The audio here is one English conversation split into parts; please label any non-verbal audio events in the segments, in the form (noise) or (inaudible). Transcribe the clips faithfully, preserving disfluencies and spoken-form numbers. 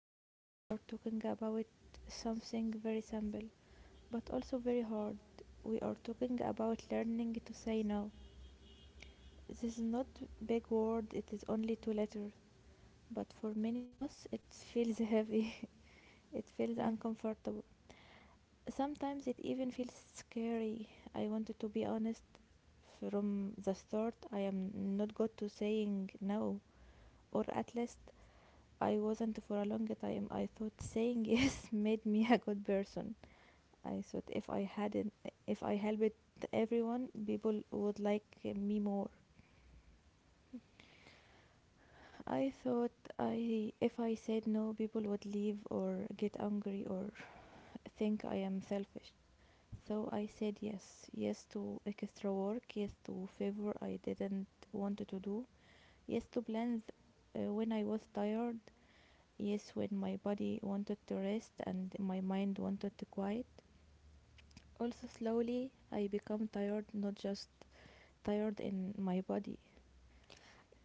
Today we are talking about something very simple but also very hard. We are talking about learning to say no. This is not big word, it is only two letters, but for many of us it feels heavy. (laughs) It feels Yeah. uncomfortable. Sometimes it even feels scary. I wanted to be honest from the start. I am not good to saying no, or at least I wasn't for a long time. I thought saying yes (laughs) made me a good person. I thought if I hadn't, if I helped everyone, people would like me more. I thought I, if I said no, people would leave or get angry or think I am selfish. So I said yes, yes to extra work, yes to favor I didn't want to do, yes to plans uh, when I was tired, yes, when my body wanted to rest and my mind wanted to quiet. Also, slowly I become tired, not just tired in my body.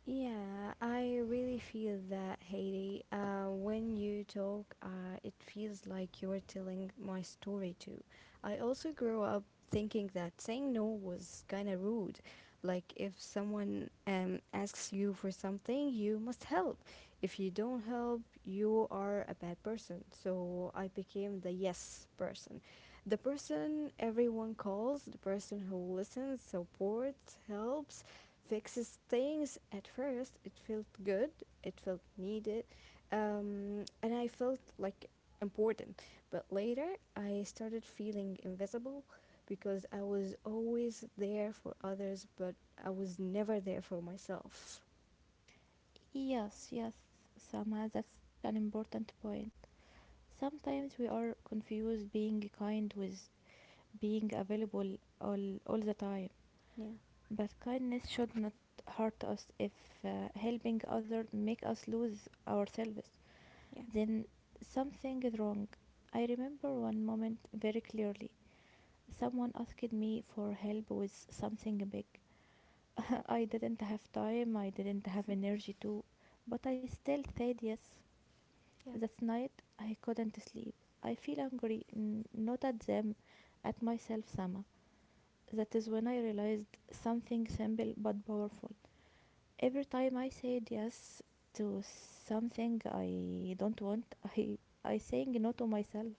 Yeah, I really feel that, Haiti. Uh, when you talk, uh, it feels like you're telling my story too. I also grew up thinking that saying no was kind of rude. Like, if someone um, asks you for something, you must help. If you don't help, you are a bad person. So I became the yes person. The person everyone calls, the person who listens, supports, helps, fixes things. At first it felt good, it felt needed, um, and I felt like important, but later I started feeling invisible because I was always there for others, but I was never there for myself. Yes, yes, Sama, that's such an important point. Sometimes we are confused being kind with being available all, all the time. Yeah, But kindness should not hurt us if uh, helping others make us lose ourselves. yeah. Then something is wrong. I remember one moment very clearly. Someone asked me for help with something big. (laughs) I didn't have time, I didn't have energy to, but I still said yes. Yeah. That night I couldn't sleep. I feel angry, n- not at them, at myself, Sama. That is when I realized something simple but powerful. Every time I said yes to something I don't want, (laughs) I I saying no to myself.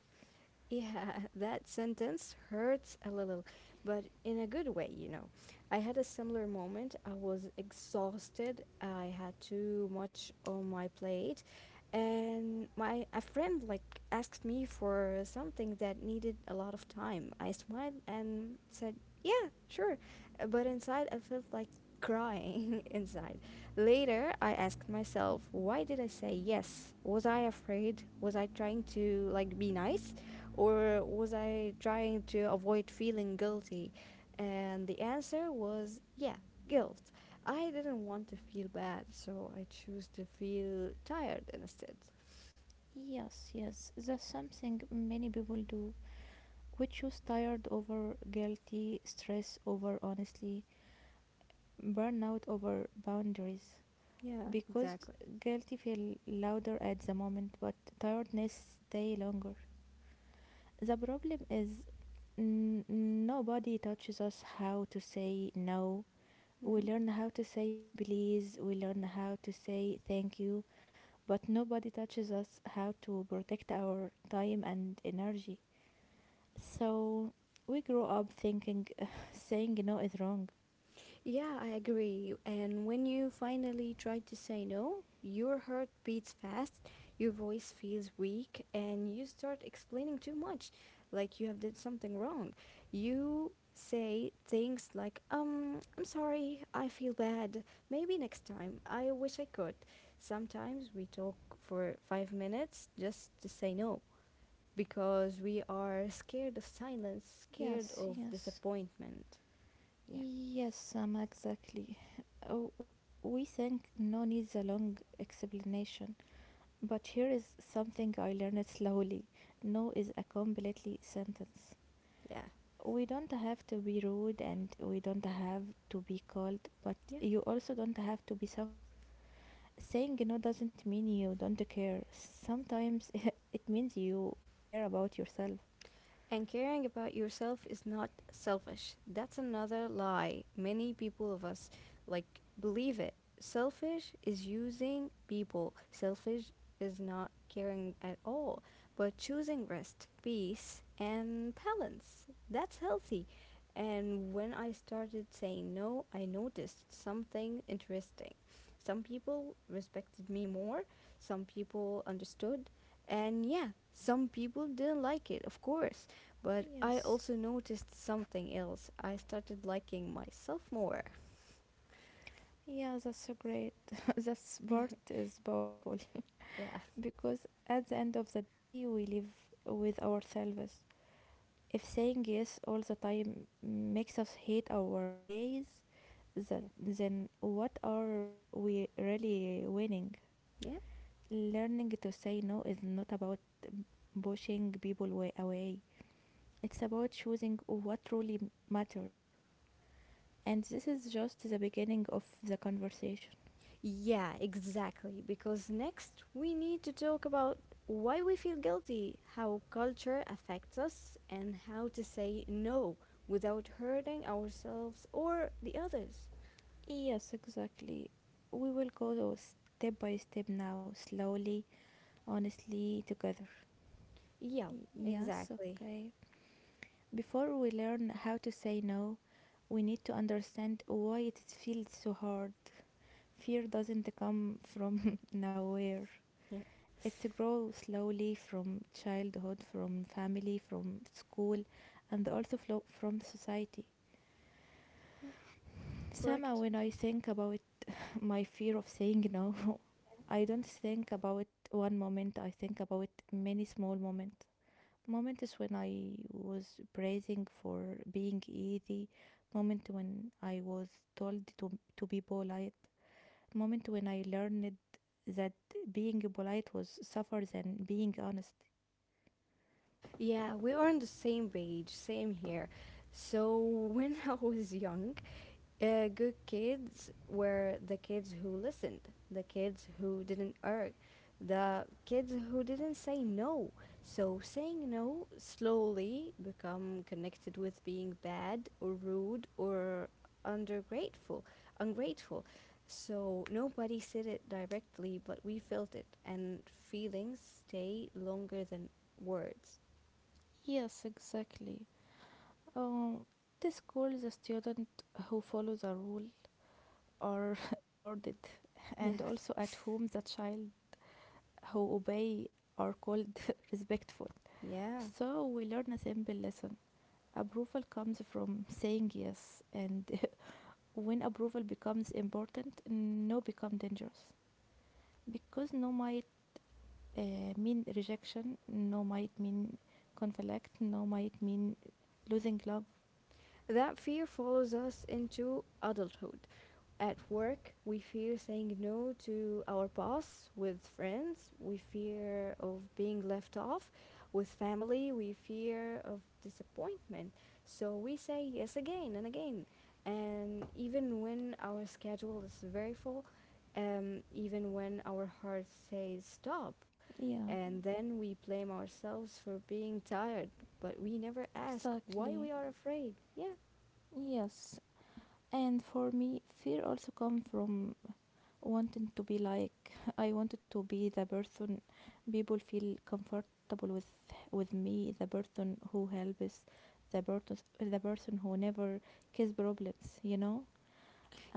Yeah, (laughs) that sentence hurts a little, but in a good way, you know. I had a similar moment. I was exhausted. I had too much on my plate, and my a friend like asked me for something that needed a lot of time. I smiled and said, "Yeah, sure." Uh, but inside I felt like crying (laughs) inside. Later, I asked myself, "Why did I say yes? Was I afraid? Was I trying to like be nice? Or was I trying to avoid feeling guilty?" And the answer was yeah, guilt. I didn't want to feel bad, so I chose to feel tired instead. Yes, yes, that's something many people do. Which shows tired over guilty, stress over honestly, burnout over boundaries. Yeah, Because exactly. guilty feel louder at the moment, but tiredness stay longer. The problem is n- nobody touches us how to say no. We (laughs) learn how to say please, we learn how to say thank you, but nobody touches us how to protect our time and energy. So we grew up thinking (sighs) (laughs) saying no is wrong. Yeah, I agree. And when you finally try to say no, your heart beats fast, your voice feels weak, and you start explaining too much, like you have did something wrong. You say things like, "Um, I'm sorry. I feel bad. Maybe next time. I wish I could." Sometimes we talk for five minutes just to say no because we are scared of silence, scared Yes, of yes. disappointment. Yeah. Yes, Sam, exactly. Oh, w- We think no needs a long explanation, but here is something I learned slowly. No is a completely sentence. Yeah. We don't have to be rude and we don't have to be cold, but Yeah. you also don't have to be suffer. Saying no doesn't mean you don't care. Sometimes (laughs) it means you care about yourself. And caring about yourself is not selfish. That's another lie. Many people of us like believe it. Selfish is using people. Selfish is not caring at all, but choosing rest, peace, and balance. That's healthy. And when I started saying no, I noticed something interesting. Some people respected me more, some people understood, and yeah, some people didn't like it, of course. But I Yes. also noticed something else. I started liking myself more. Yeah, that's a great. (laughs) That's part is powerful Yeah, (laughs) because at the end of the day, we live with ourselves. If saying yes all the time makes us hate our days, that yeah, then what are we really winning? yeah. Learning to say no is not about pushing people way away. It's about choosing what truly matters. And this is just the beginning of the conversation. Yeah, exactly. Because next we need to talk about why we feel guilty, how culture affects us, and how to say no without hurting ourselves or the others. Yes, exactly. We will go though step by step now, slowly, honestly, together. Yeah, Y- Yes, exactly. okay. Before we learn how to say no, we need to understand why it feels so hard. Fear doesn't come from (laughs) nowhere. Yeah. It grows slowly from childhood, from family, from school, and also flo- from society. Somehow, when I think about my fear of saying no. (laughs) I don't think about one moment, I think about many small moments. Moments when I was praising for being easy, moment when I was told to, to be polite, moment when I learned that being polite was suffer than being honest. Yeah, we are on the same page, same here. So, when (laughs) I was young, Uh, good kids were the kids who listened, the kids who didn't argue, the kids who didn't say no. So saying no slowly become connected with being bad or rude or undergrateful, ungrateful. So nobody said it directly, but we felt it, and feelings stay longer than words. Yes, exactly. Um, at a school, the student who follows a rule are (laughs) rewarded, Yeah, and also at home, the child who obey are called (laughs) respectful. yeah. So we learn a simple lesson. Approval comes from saying yes, and (laughs) when approval becomes important, no become dangerous. Because no might uh, mean rejection, no might mean conflict, no might mean losing love. That fear follows us into adulthood. At work, we fear saying no to our boss. With friends, we fear of being left off. With family, we fear of disappointment. So we say yes again and again. And even when our schedule is very full, um, even when our heart says stop, Yeah, and then we blame ourselves for being tired, but we never ask why exactly. we are afraid. Yeah, Yes. And for me, fear also comes from wanted to be like (laughs) I wanted to be the person people feel comfortable with with me, the person who helps, the person the person who never kiss problems, you know.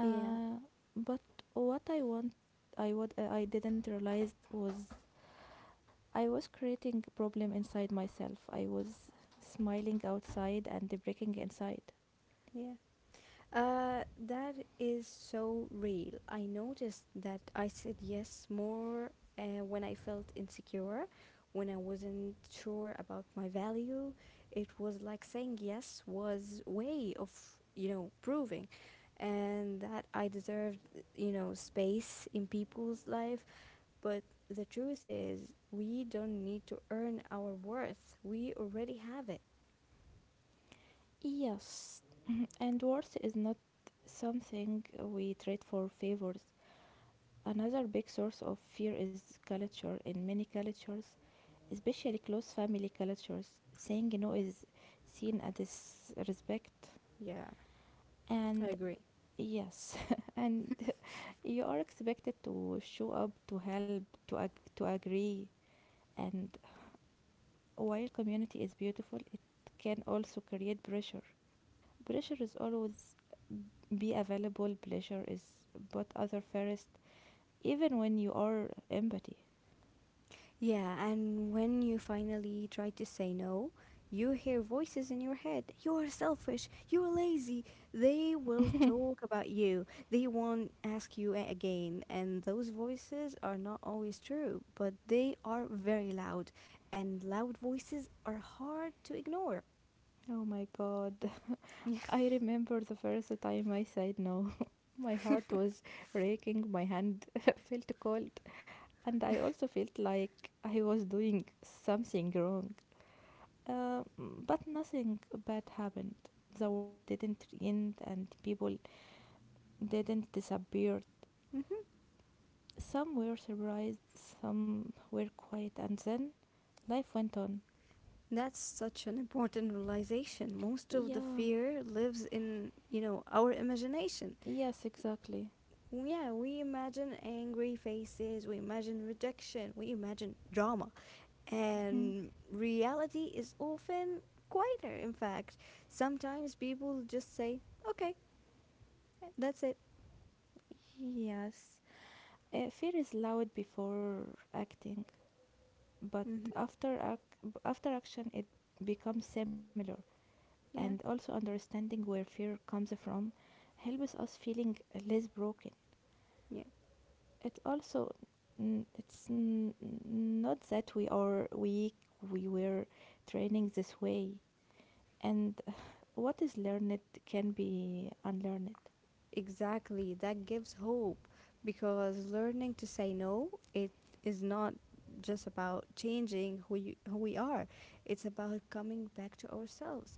yeah, but what I want, I what uh, I didn't realize was I was creating problem inside myself. I was smiling outside and breaking inside. yeah. Uh, that is so real. I noticed that I said yes more uh, when I felt insecure, when I wasn't sure about my value. It was like saying yes was way of, you know, proving and that I deserved, you know, space in people's life. But the truth is, we don't need to earn our worth. We already have it. Yes. (clears throat) And worth is not something we trade for favors. Another big source of fear is culture. In many cultures, especially close family cultures, saying no Yeah. is seen as disrespect. Yeah, I And agree. yes, (laughs) and (laughs) you are expected to show up, to help, to, ag- to agree. And while community is beautiful, it can also create pressure. Pressure is always be available, pleasure is but other first, even when you are empathy. Yeah, and when you finally try to say no, you hear voices in your head. You are selfish. You are lazy. They will talk (laughs) about you. They won't ask you a- again. And those voices are not always true, but they are very loud. And loud voices are hard to ignore. Oh my god. I remember the first time I said no. (laughs) My heart was raking, my hand (laughs) felt cold, and I also felt like I was doing something wrong. Uh, but nothing bad happened. The world didn't end, and people didn't disappear. Hmm. Some were surprised, some were quiet, and then life went on. That's such an important realization. Most of the Yeah, fear lives in, you know, our imagination. yes, exactly. Yeah, we imagine angry faces, we imagine rejection, we imagine drama. Mhm. And reality is often quieter, in fact. Sometimes people just say, okay, that's it. Yes. Uh, fear is loud before acting, but Hmm. after ac- after action it becomes similar, and Yeah, also understanding where fear comes from helps us feeling less broken. yeah, It also n- it's n- not that we are weak, we were training this way, and what is learned can be unlearned. exactly. That gives hope because learning to say no, it is not just about changing who, you, who we are, it's about coming back to ourselves,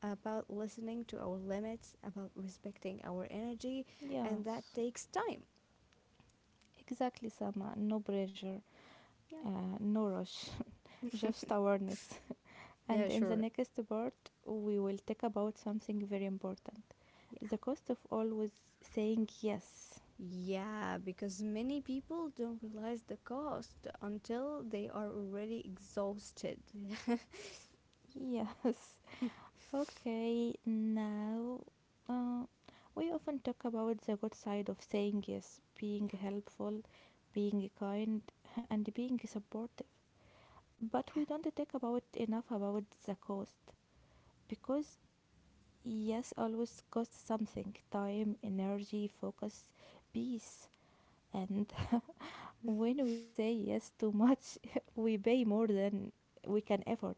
about listening to our limits, about respecting our energy, and that Yes, takes time. exactly, Sama, no pressure, Yeah. uh, no rush, (laughs) just awareness. And in the next part, we will talk about something very important, Yeah. the cost of always saying yes. Yeah, because many people don't realize the cost until they are already exhausted. (laughs) Yes. (laughs) Okay, now, uh, we often talk about the good side of saying yes, being Yeah. helpful, being kind, and being supportive. But Yeah. we don't talk about enough about the cost because yes always costs something, time, energy, focus, peace, and (laughs) when we say yes too much, (laughs) we pay more than we can afford.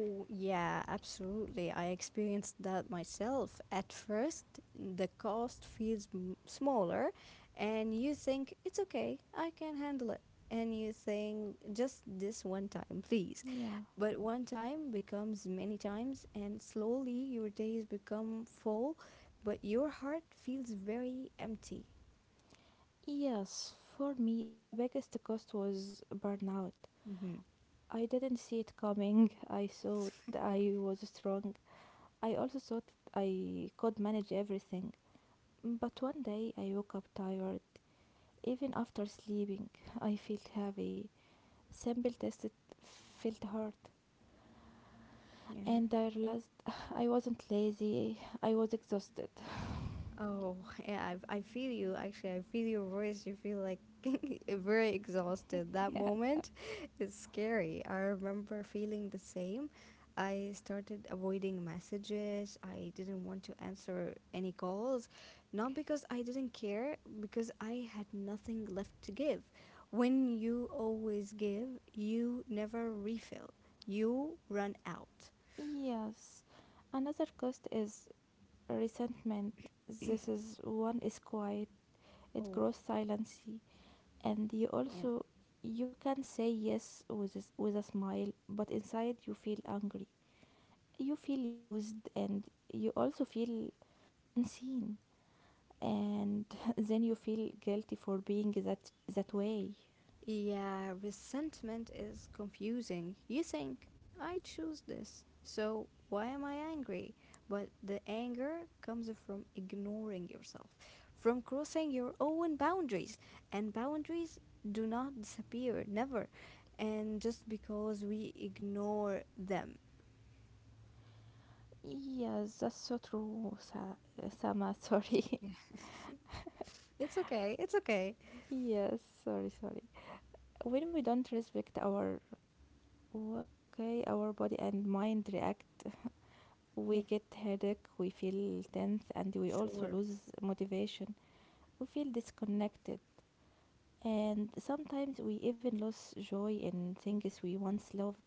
Oh, yeah, absolutely. I experienced that myself. At first, the cost feels m- smaller, and you think it's okay, I can handle it. And you think just this one time, please. Yeah. But one time becomes many times, and slowly your days become full, but your heart feels very empty. Yes, for me, the biggest cost was burnout. Mm-hmm. I didn't see it coming. I thought I was strong. I also thought I could manage everything. But one day I woke up tired. Even after sleeping, (laughs) I felt heavy. Simple tests felt hard. Yeah. And I realized (sighs) I wasn't lazy, I was exhausted. Oh, yeah, I, I feel you. Actually, I feel your voice. You feel like (laughs) very exhausted. That moment is scary. I remember feeling the same. I started avoiding messages. I didn't want to answer any calls. Not because I didn't care, because I had nothing left to give. When you always give, you never refill, you run out. Yes. Another cost is resentment. This is one is quiet. It Oh, grows silently, and you yeah. also you can say yes with a, s- with a smile, but inside you feel angry. You feel used, and you also feel unseen, and (laughs) then you feel guilty for being that that way. Yeah, resentment is confusing. You think, I choose this, so why am I angry? But the anger comes from ignoring yourself, from crossing your own boundaries. And boundaries do not disappear, never. And just because we ignore them. Yes, that's so true, Sa- Sama. (laughs) Sorry. Yeah, it's okay, it's okay. Yes, sorry, sorry. When we don't respect our what? Okay, our body and mind react. Yeah, We get headache, we feel tense, and we also sure. lose motivation. We feel disconnected, and sometimes we even lose joy in things we once loved.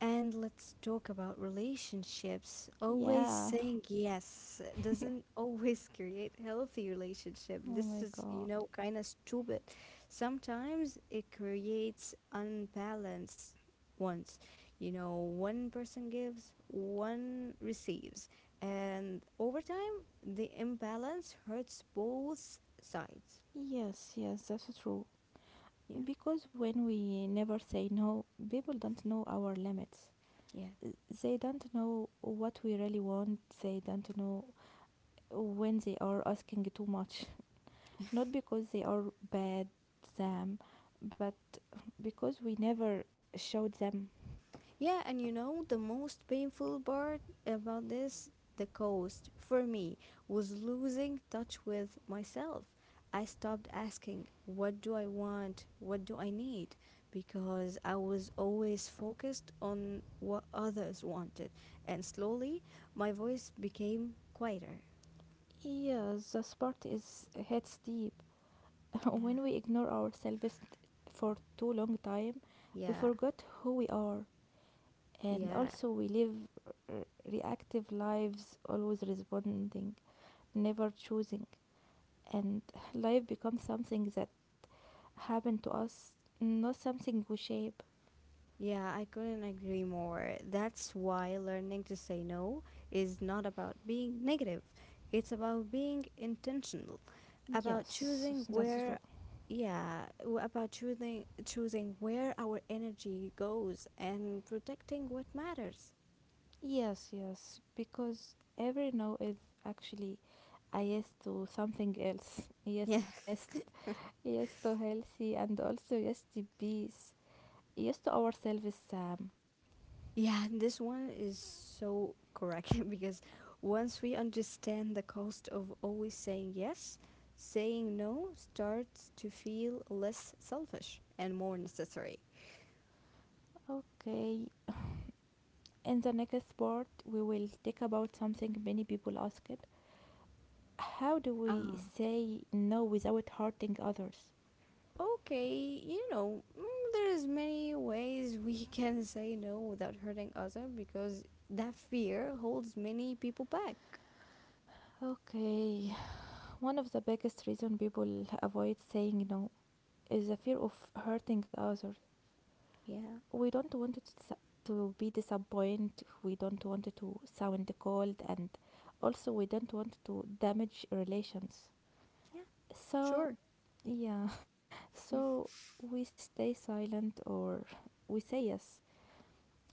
And let's talk about relationships. Always Yeah. saying yes doesn't (laughs) always create healthy relationship. Oh This my is, you god. know, kind of stupid. Sometimes it creates unbalanced ones. You know, one person gives, one receives. And over time, the imbalance hurts both sides. Yes, yes, that's true. Yeah. Because when we never say no, people don't know our limits. Yeah. They don't know what we really want. They don't know when they are asking too much. Not because they are bad them, but because we never showed them. Yeah, and you know, the most painful part about this, the cost, for me, was losing touch with myself. I stopped asking, what do I want? What do I need? Because I was always focused on what others wanted. And slowly, my voice became quieter. Yeah, the sport is hits deep. (laughs) Yeah. When we ignore ourselves for too long time, we Yeah, forgot who we are, and yeah. also we live r- reactive lives, always responding, never choosing, and (laughs) life becomes something that happened to us, not something we shape. Yeah, I couldn't agree more. That's why learning to say no is not about being negative. It's about being intentional, about choosing Yes, that's true. where, yeah, w- about choosing choosing where our energy goes and protecting what matters. Yes, yes, because every no is actually a yes to something else. Yes (laughs) Yeah. to rest, yes to healthy, and also yes to peace. Yes to ourselves, Sam. Yeah, this one is so correct (laughs) because once we understand the cost of always saying yes, saying no starts to feel less selfish and more necessary. Okay, (sighs) in the next part, we will talk about something many people ask it. How do Ah, we say no without hurting others? okay, you know, mm, there's many ways we (laughs) can say no without hurting others because that fear holds many people back. Okay, one of the biggest reason people avoid saying no is the fear of hurting others. Yeah, We don't want it to, to be disappoint, we don't want it to sound cold, and also we don't want to damage relations, yeah, so sure. yeah, (laughs) so we stay silent or we say yes,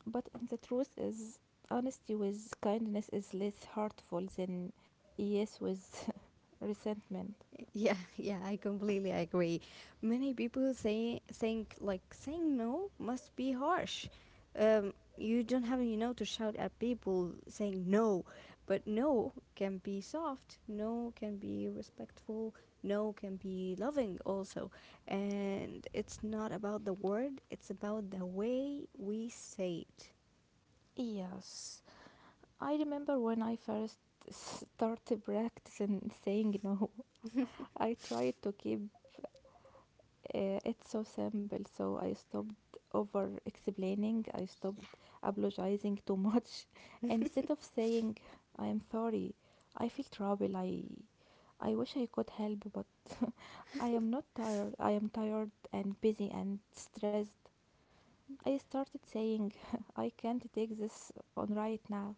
but the truth is honesty with kindness is less hurtful than yes with (laughs) resentment. Yeah, (laughs) yeah, I completely agree. Many people say think like saying no must be harsh. Um, you don't have you know to shout at people saying no, but no can be soft. No can be respectful. No can be loving also, and it's not about the word. It's about the way we say it. Yes, I remember when I first (laughs) started practicing saying no, I tried to keep Uh, it's so simple. So I stopped over explaining. I stopped apologizing too much. (laughs) And instead of saying, I am sorry, I feel trouble. I, I wish I could help, but (laughs) I am not tired. I am tired and busy and stressed. I started saying, (laughs) I can't take this on right now.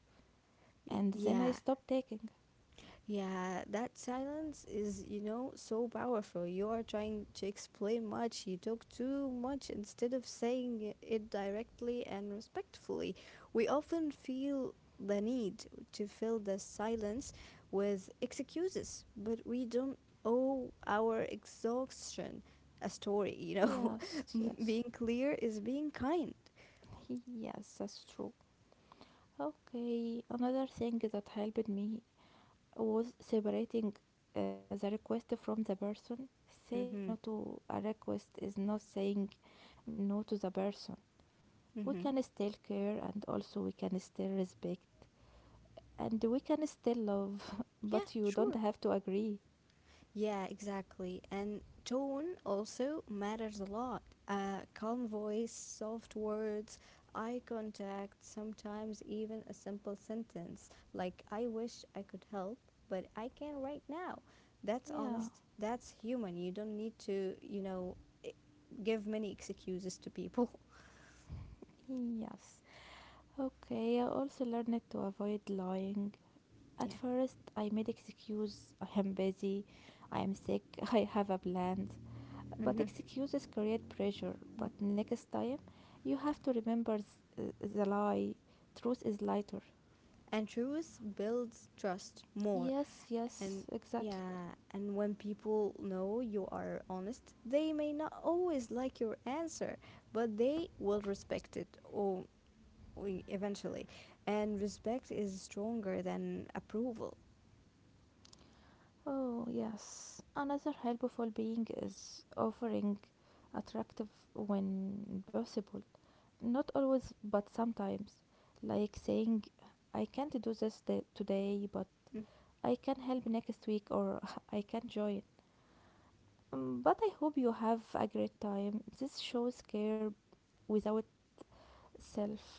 Y- And then yeah, I stopped taking. Yeah, that silence is, you know, so powerful. You are trying to explain much, you talk too much instead of saying it directly and respectfully. We often feel the need to fill the silence with excuses, but we don't owe our exhaustion a story, you know. Yes, (laughs) yes, Being clear is being kind. (laughs) yes, that's true. Okay, another thing that helped me was separating uh, the request from the person. Saying Mm-hmm. no to a request is not saying no to the person. We Mm-hmm. can still care and also we can still respect and we can still love, (laughs) Yeah, but you don't sure. have to agree. Yeah, exactly. And tone also matters a lot. A calm voice, soft words, eye contact, sometimes even a simple sentence like, I wish I could help, but I can't right now. That's Yeah, honest. That's human. You don't need to, you know, i- give many excuses to people. (laughs) yes. Okay, I also learned to avoid lying. At Yeah. first, I made excuses. I am busy. I am sick. (laughs) I have a plan. But Hmm. excuses create pressure. Yeah. But next time, you have to remember th- the lie. Truth is lighter. And truth builds trust more. Yes, yes, And, exactly. yeah, and when people know you are honest, they may not always like your answer, but they will respect it, or eventually. And respect is stronger than approval. Oh, yes. Another helpful being is offering attractive when possible. Not always, but sometimes. Like saying, I can't do this da- today, but Mm, I can help next week or (laughs) I can join. Mm, but I hope you have a great time. This shows care without self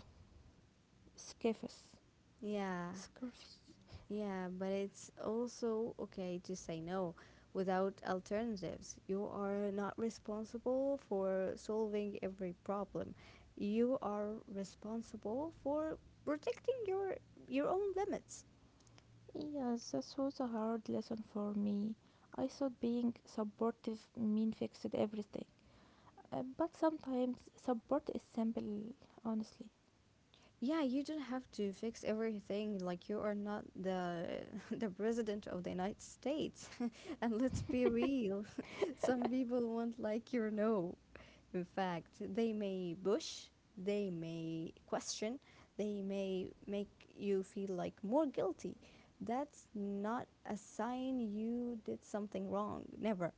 scaffes yeah. scarfs. Yeah, but it's also okay to say no without alternatives. You are not responsible for solving every problem. You are responsible for protecting your your own limits. Yes, that was a hard lesson for me. I thought being supportive mean fixed everything. Uh, but sometimes support is simple, honestly. Yeah, you don't have to fix everything. Like you are not the (laughs) the president of the United States. (laughs) And let's be real, (laughs) some people won't like your no. In fact, they may push, they may question, they may make you feel like more guilty. That's not a sign you did something wrong. Never.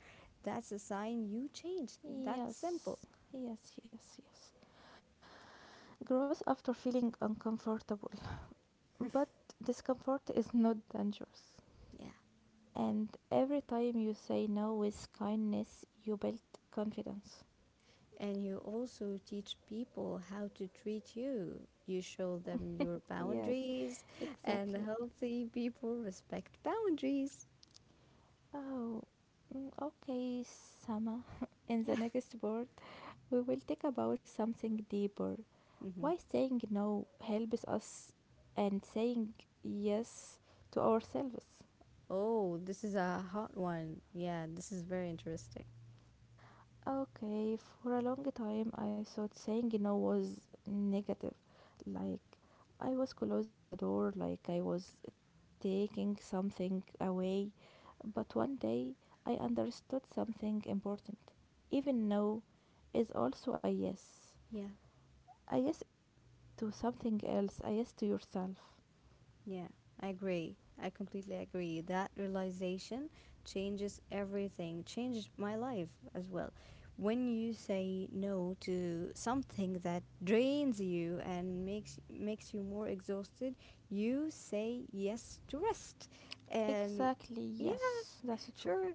That's a sign you changed. That's simple. Yes, yes, yes, yes. Growth after feeling uncomfortable. But discomfort is not dangerous. Yeah. And every time you say no with kindness, you build confidence. And you also teach people how to treat you. You show them your Yes, boundaries, and exactly. healthy people respect boundaries. Oh, mm, okay, Sama. (laughs) In the Yeah. next part, we will talk about something deeper. (laughs) Why Hmm. saying no helps us and saying yes to ourselves. Oh, this is a hot one. Yeah, this is very interesting. Okay, for a long time I thought saying no was negative. Like I was closing a door, like I was taking something away, but one day I understood something important. Even no is also a yes. Yeah. A yes to something else, a yes to yourself. Yeah, I agree. I completely agree. That realization changes everything, changed my life as well. When you say no to something that drains you and makes makes you more exhausted, you say yes to rest. And Exactly, yeah. yes, that's true. Sure.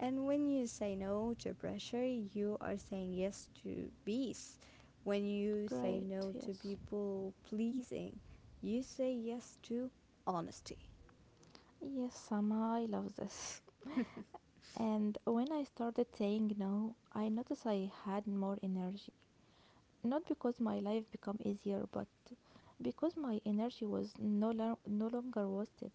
And when you say no to pressure, you are saying yes to peace. When you say Great, no to yes. people pleasing, you say yes to honesty. Yes, Sama, I love this. And when I started saying no, I noticed I had more energy. Not because my life became easier, but because my energy was no, lo- no longer wasted.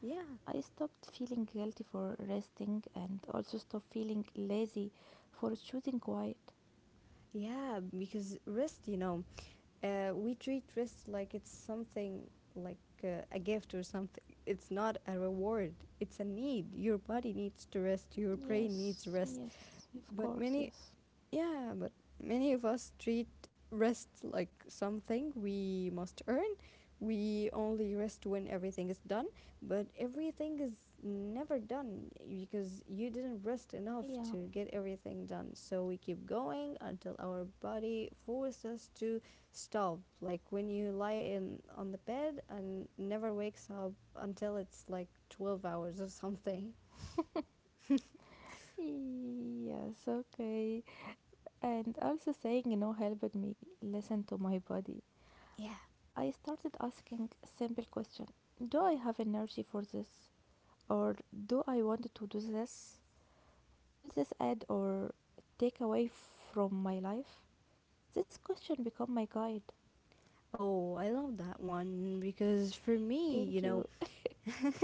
Yeah. I stopped feeling guilty for resting and also stopped feeling lazy for choosing quiet. Yeah, because rest, you know, uh, we treat rest like it's something like uh, a gift or something. It's not a reward, it's a need. Your body needs to rest, your brain Yes, needs rest. yes, of But course, many yes. Yeah, but many of us treat rest like something we must earn. We only rest when everything is done, but everything is never done because you didn't rest enough Yeah. to get everything done. So we keep going until our body forces us to stop. Like when you lie in on the bed and never wakes up until it's like twelve hours or something. Yes, okay. And also saying no helped me listen to my body. Yeah. I started asking simple question. Do I have energy for this? Or do I want to do this? Will this add or take away from my life? This question become my guide. Oh, I love that one because for me, you Thank you. know, (laughs)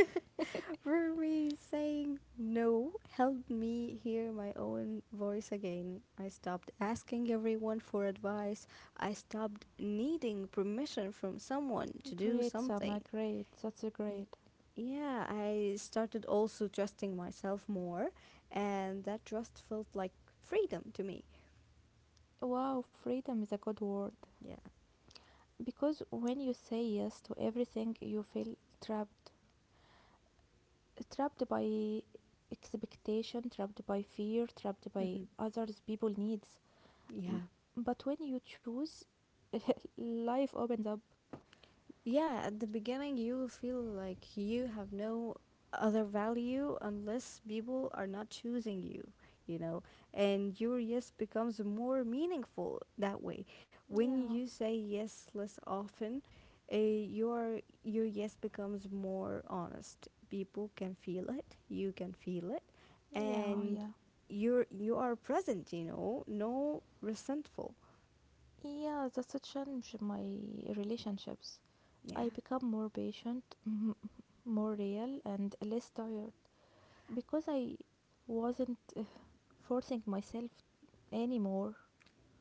Brewery saying no helped me hear my own voice again. I stopped asking everyone for advice. I stopped needing permission from someone to do Great, something. Summer, great. That's a Y- great. Yeah, I started also trusting myself more, and that trust felt like freedom to me. Wow, freedom is a good word. Yeah. Because when you say yes to everything, you feel trapped. Trapped by expectation, trapped by fear, trapped by hmm others' people needs. Yeah, But when you choose, (laughs) life opens up. Yeah, at the beginning, you will feel like you have no other value unless people are not choosing you, you know, and your yes becomes more meaningful that way. When Yeah, you say yes less often, uh, your your yes becomes more honest. People can feel it, you can feel it, yeah, and yeah. you're you are present, you know, no resentful. Yeah, that's a change in my relationships. Yeah. I become more patient, (laughs) more real, and less tired because I wasn't forcing myself anymore.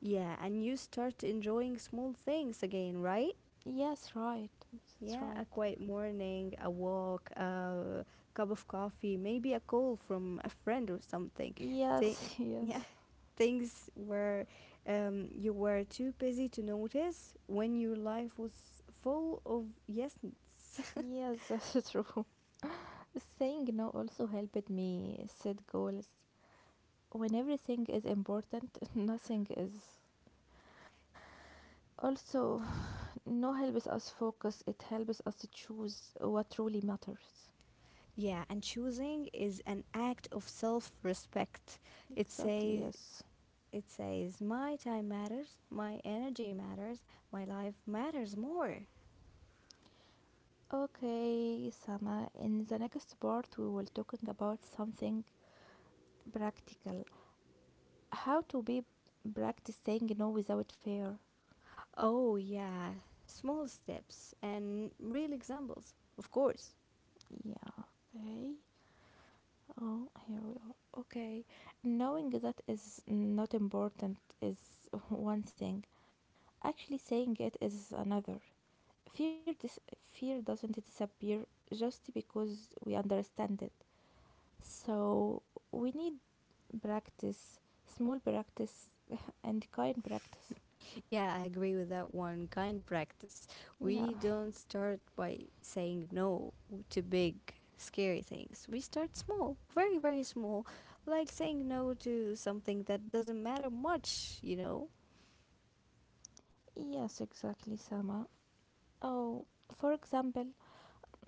Yeah, and you start enjoying small things again, right? Yes, right. That's Yeah, a right. quiet morning, a walk, a cup of coffee, maybe a call from a friend or something. Th- Yes, (laughs) yeah, yes. (laughs) things where um, you were too busy to notice when your life was full of yesness. Yes, that's true. (laughs) Saying no also helped me set goals. When everything is important, (laughs) nothing is. Also, no helps us focus, it helps us to choose what truly matters. (laughs) Yeah, and choosing is an act of self-respect. It Exactly, says yes. it says my time matters, my energy matters, my life matters more. Okay, Sama, in the next part, we will talking about something practical, how to be practice saying no without fear. Oh, yeah. Small steps and real examples, of course. Yeah. Okay, oh here we are. Okay, knowing that is not important is (laughs) one thing, actually saying it is another. Fear, this fear doesn't disappear just because we understand it. So we need practice, small practice, (laughs) and kind practice. Yeah, I agree with that one. Kind practice. Yeah. We don't start by saying no to big, scary things. We start small, very, very small, like saying no to something that doesn't matter much, you know? Yes, exactly, Sama. Oh, for example,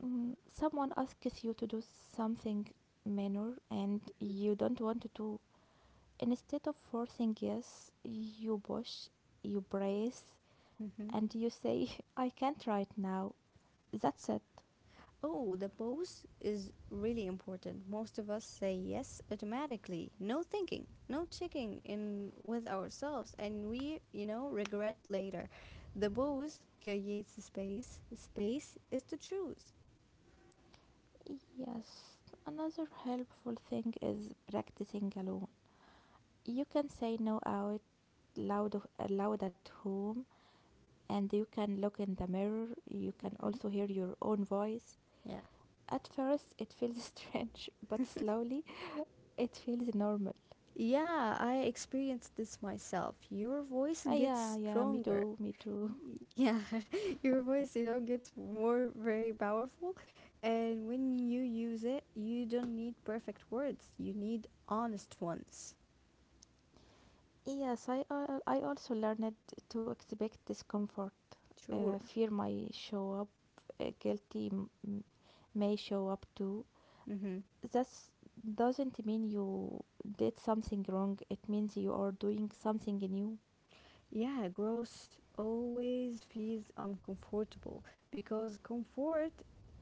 mm, someone asks you to do something minor and you don't want to do, instead of forcing yes, you push, you brace, and you say, (laughs) I can't right now. That's it. Oh, the pose is really important. Most of us say yes automatically, no thinking, no checking in with ourselves, and we, you know, regret later. The pose creates the space. The space is to choose. Yes, another helpful thing is practicing alone. You can say no out loud, of- loud at home, and you can look in the mirror. You can also hear your own voice. Yeah, At first, it feels (laughs) strange, but slowly it feels normal. Yeah, I experienced this myself. Your voice Ah, gets yeah, yeah, me stronger. too, me too. Yeah (laughs) Your voice, you know gets more very powerful, and when you use it, you don't need perfect words, you need honest ones. Yes, I, al- I also learned to expect discomfort. Uh, sure. Fear might show up, uh, guilty m- m- may show up too. Mm-hmm. That doesn't mean you did something wrong, it means you are doing something new. Yeah, growth always feels uncomfortable because comfort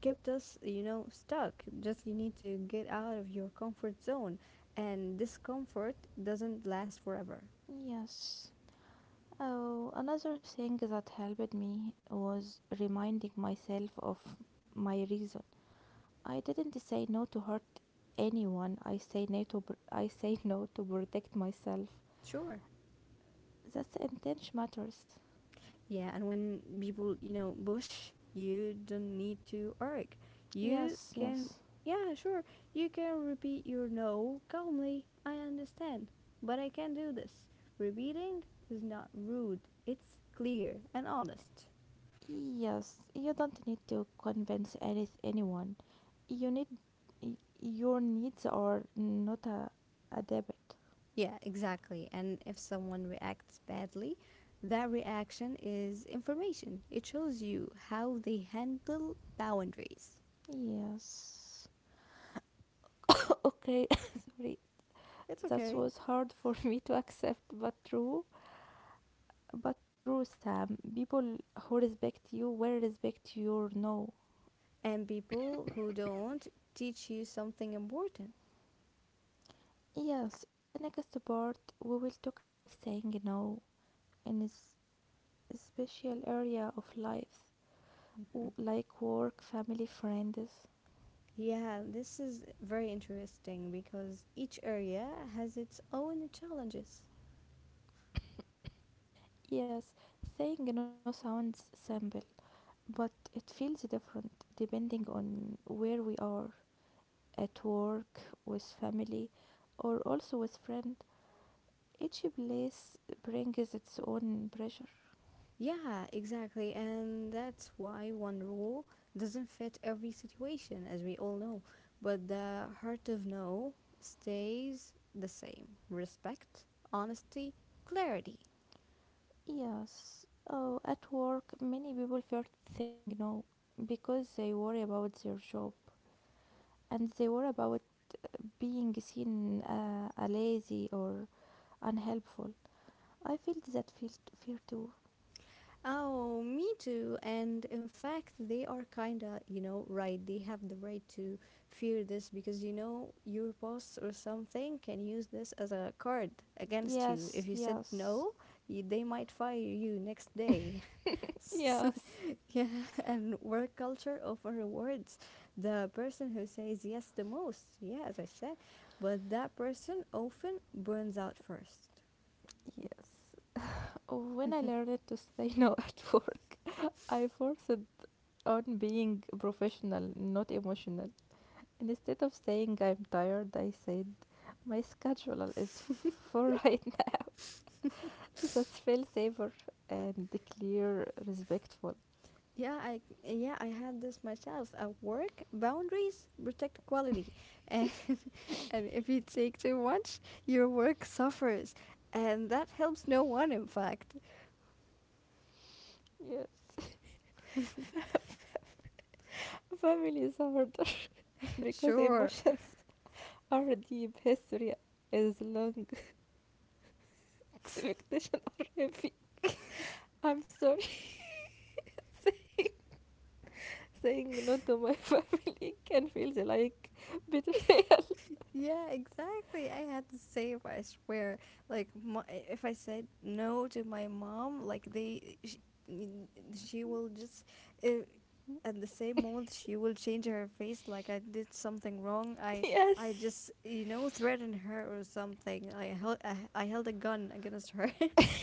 kept us, you know stuck. Just, you need to get out of your comfort zone, and discomfort doesn't last forever. Yes. Oh, another thing that helped me was reminding myself of my reason. I didn't say no to hurt anyone. I say no to pr- I say (laughs) no to protect myself. Sure. That's intent matters. Yeah, and when people, you know, push, you don't need to argue. You Yes, can, yes. yeah, sure, you can repeat your no calmly. I understand, but I can't do this. Repeating is not rude, it's clear and honest. Yes, you don't need to convince any anyone. You need y- your needs are not a, a debit. Yeah, exactly. And if someone reacts badly, that reaction is information. It shows you how they handle boundaries. Yes. Okay, (laughs) sorry. It's That okay. was hard (laughs) for me to accept, but true. But true, Sam. People who respect you will respect your no. And people who don't teach you something important. Yes, in the next part, we will talk about saying no in a s- special area of life, Mhm. w- like work, family, friends. Yeah, this is very interesting because each area has its own challenges. Yes, saying no sounds simple, but it feels different depending on where we are, at work, with family, or also with friend. Each place brings its own pressure. Yeah, exactly. And that's why one rule doesn't fit every situation, as we all know. But the heart of no stays the same: respect, honesty, clarity. Yes. Oh, at work, many people fear saying no because they worry about their job and they worry about being seen uh, a lazy or unhelpful. I feel that feel fear too. Oh, me too. And in fact, they are kinda, you know, right. They have the right to fear this because, you know, your boss or something can use this as a card against you. If Yes, you said yes, no, you, they might fire you next (laughs) day. yes, (laughs) Yeah, and work culture often rewards the person who says yes the most. Yeah, as I said, but that person often burns out first. yes. (sighs) When I learned to say no (laughs) at work, I forced on being professional, not emotional. Instead of saying I'm tired, I said my schedule is full (laughs) right now. That's fail saver and clear respectful. Yeah, I yeah I had this myself at work. Boundaries protect quality, and, (laughs) and if you take too much, your work suffers, and that helps no one. In fact, Yes. (laughs) Family is harder (laughs) (laughs) because sure. emotions are deep. History is long. (laughs) Expectations are heavy. I'm sorry. (laughs) Say- Saying no to my (laughs) family can feel like betrayal. Yeah, exactly. I had the same, I swear. Like, my, if I said no to my mom, like, they, she, mm, she will just, uh, at the same moment, she will change her face like I did something wrong. (laughs) I, I Yes. just, you know, threaten her or something. I held, I, I held a gun against her. (laughs)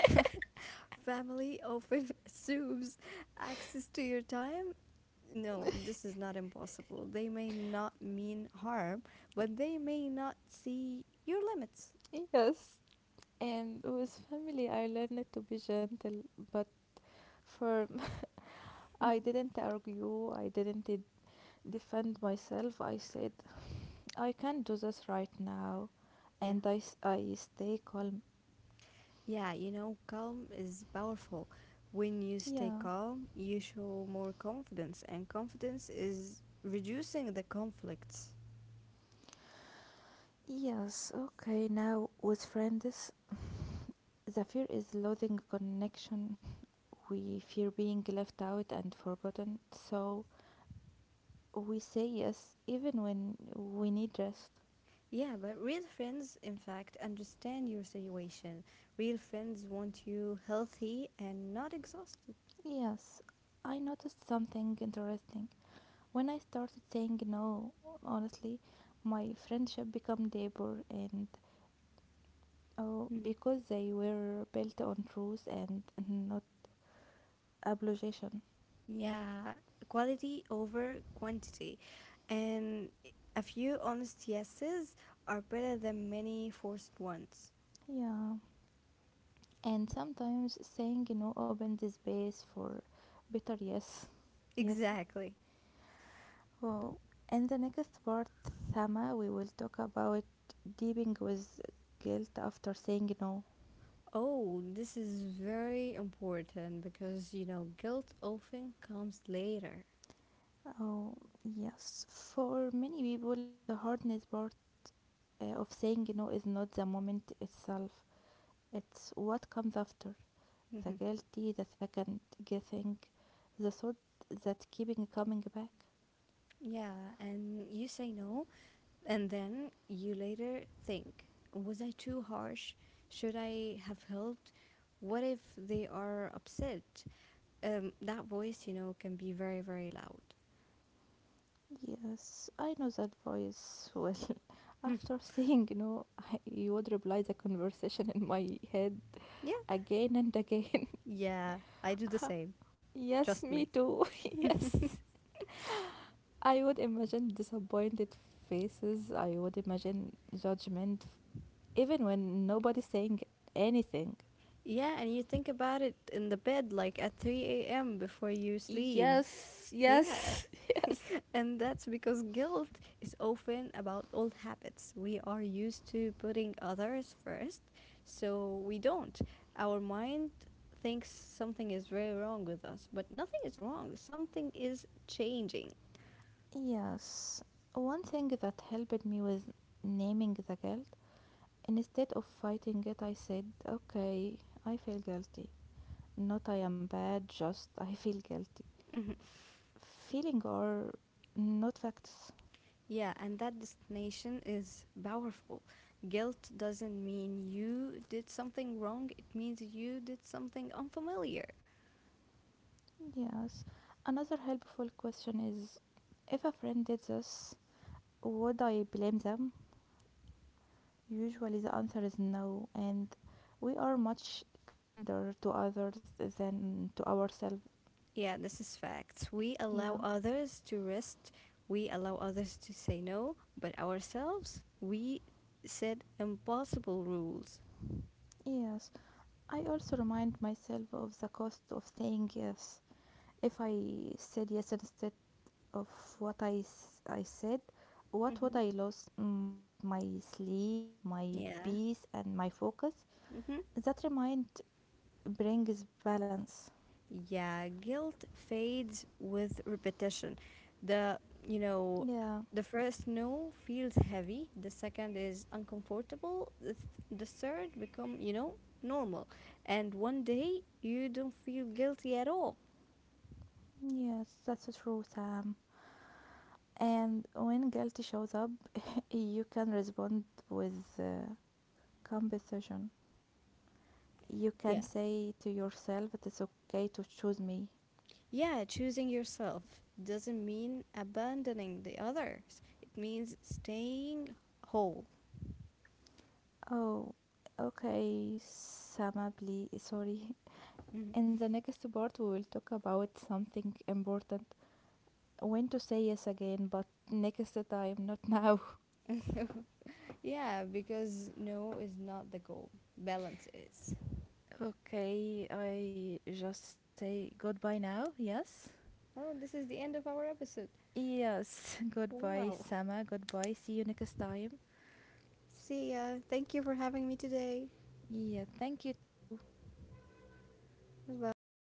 (laughs) Family often (laughs) assumes access to your time. No, this is not impossible. They may not mean harm, but they may not see your limits. (laughs) Yes. And with family, I learned to be gentle, but firm. (laughs) I didn't argue, I didn't de- defend myself. I said, I can't do this right now. Yeah. And I, s- I stay calm. Yeah, you know, calm is powerful. When you stay Yeah. calm, you show more confidence, and confidence is reducing the conflicts. Yes, okay. Now, with friends, the fear is losing connection. We fear being left out and forgotten. So we say yes, even when we need rest. Yeah, but real friends, in fact, understand your situation. Real friends want you healthy and not exhausted. Yes, I noticed something interesting. When I started saying no, honestly, my friendship became deeper and oh, Mm. because they were built on truth and not obligation. Yeah, quality over quantity. And a few honest yeses are better than many forced ones. Yeah. And sometimes saying no opens the space for better yes. (laughs) Yes. Exactly. Oh, in the next part, Thama, we will talk about dealing with guilt after saying no. Oh, this is very important because you know, guilt often comes later. Oh, yes. For many people, the hardest part uh, of saying no is not the moment itself, it's what comes after, the Mhm. guilty, the second guessing, the thought that keeping coming back. Yeah, and you say no, and then you later think, was I too harsh? Should I have helped? What if they are upset? Um, that voice, you know, can be very, very loud. Yes, I know that voice well. (laughs) After saying no, I, you would reply the conversation in my head Yeah. again and again. Yeah, I do the same. (laughs) Yes, Trust me me. too. (laughs) Yes. I would imagine disappointed faces. I would imagine judgment, even when nobody's saying anything. Yeah, and you think about it in the bed, like at three a m before you sleep. Yes, Yeah, yes, (laughs) yes. and that's because guilt is often about old habits. We are used to putting others first, so we don't. Our mind thinks something is very wrong with us, but nothing is wrong. Something is changing. Yes, one thing that helped me was naming the guilt. Instead of fighting it, I said, okay, I feel guilty. Not I am bad, just I (laughs) feel guilty. F- feeling are not facts. Yeah, and that destination is powerful. Guilt doesn't mean you did something wrong, it means you did something unfamiliar. Yes, another helpful question is if a friend did this, would I blame them? Usually the answer is no, and we are much kinder to others than to ourselves. Yeah, this is facts. We allow Yeah, others to rest, we allow others to say no, but ourselves, we set impossible rules. yes. I also remind myself of the cost of saying yes. If I said yes instead of what I, s- I said, what would Hmm. I lose? My my sleep, my Yeah. peace, and my focus. Hmm. That remind brings balance. Yeah, guilt fades with repetition. The, you know, Yeah, the first no feels heavy, the second is uncomfortable, the, th- the third become, you know, normal. And one day you don't feel guilty at all. yes, that's true, Sam. And when guilt shows up, you can respond with uh, compassion. You Yeah. can say to yourself, it is okay to choose me. Yeah, choosing yourself doesn't mean abandoning the others. It means staying whole. Oh, okay, Sama, please, sorry. (laughs) Mhm. In the next part, we will talk about something important. When to say yes again, but next time, not (laughs) now. Yeah, because no is not the goal. Balance is. Okay, I just say goodbye now, yes? Oh, this is the end of our episode. Yes, (laughs) goodbye, Wow. Sama, goodbye, see you next time. See ya. Thank you for having me today. Yeah, thank you too. Bye bye.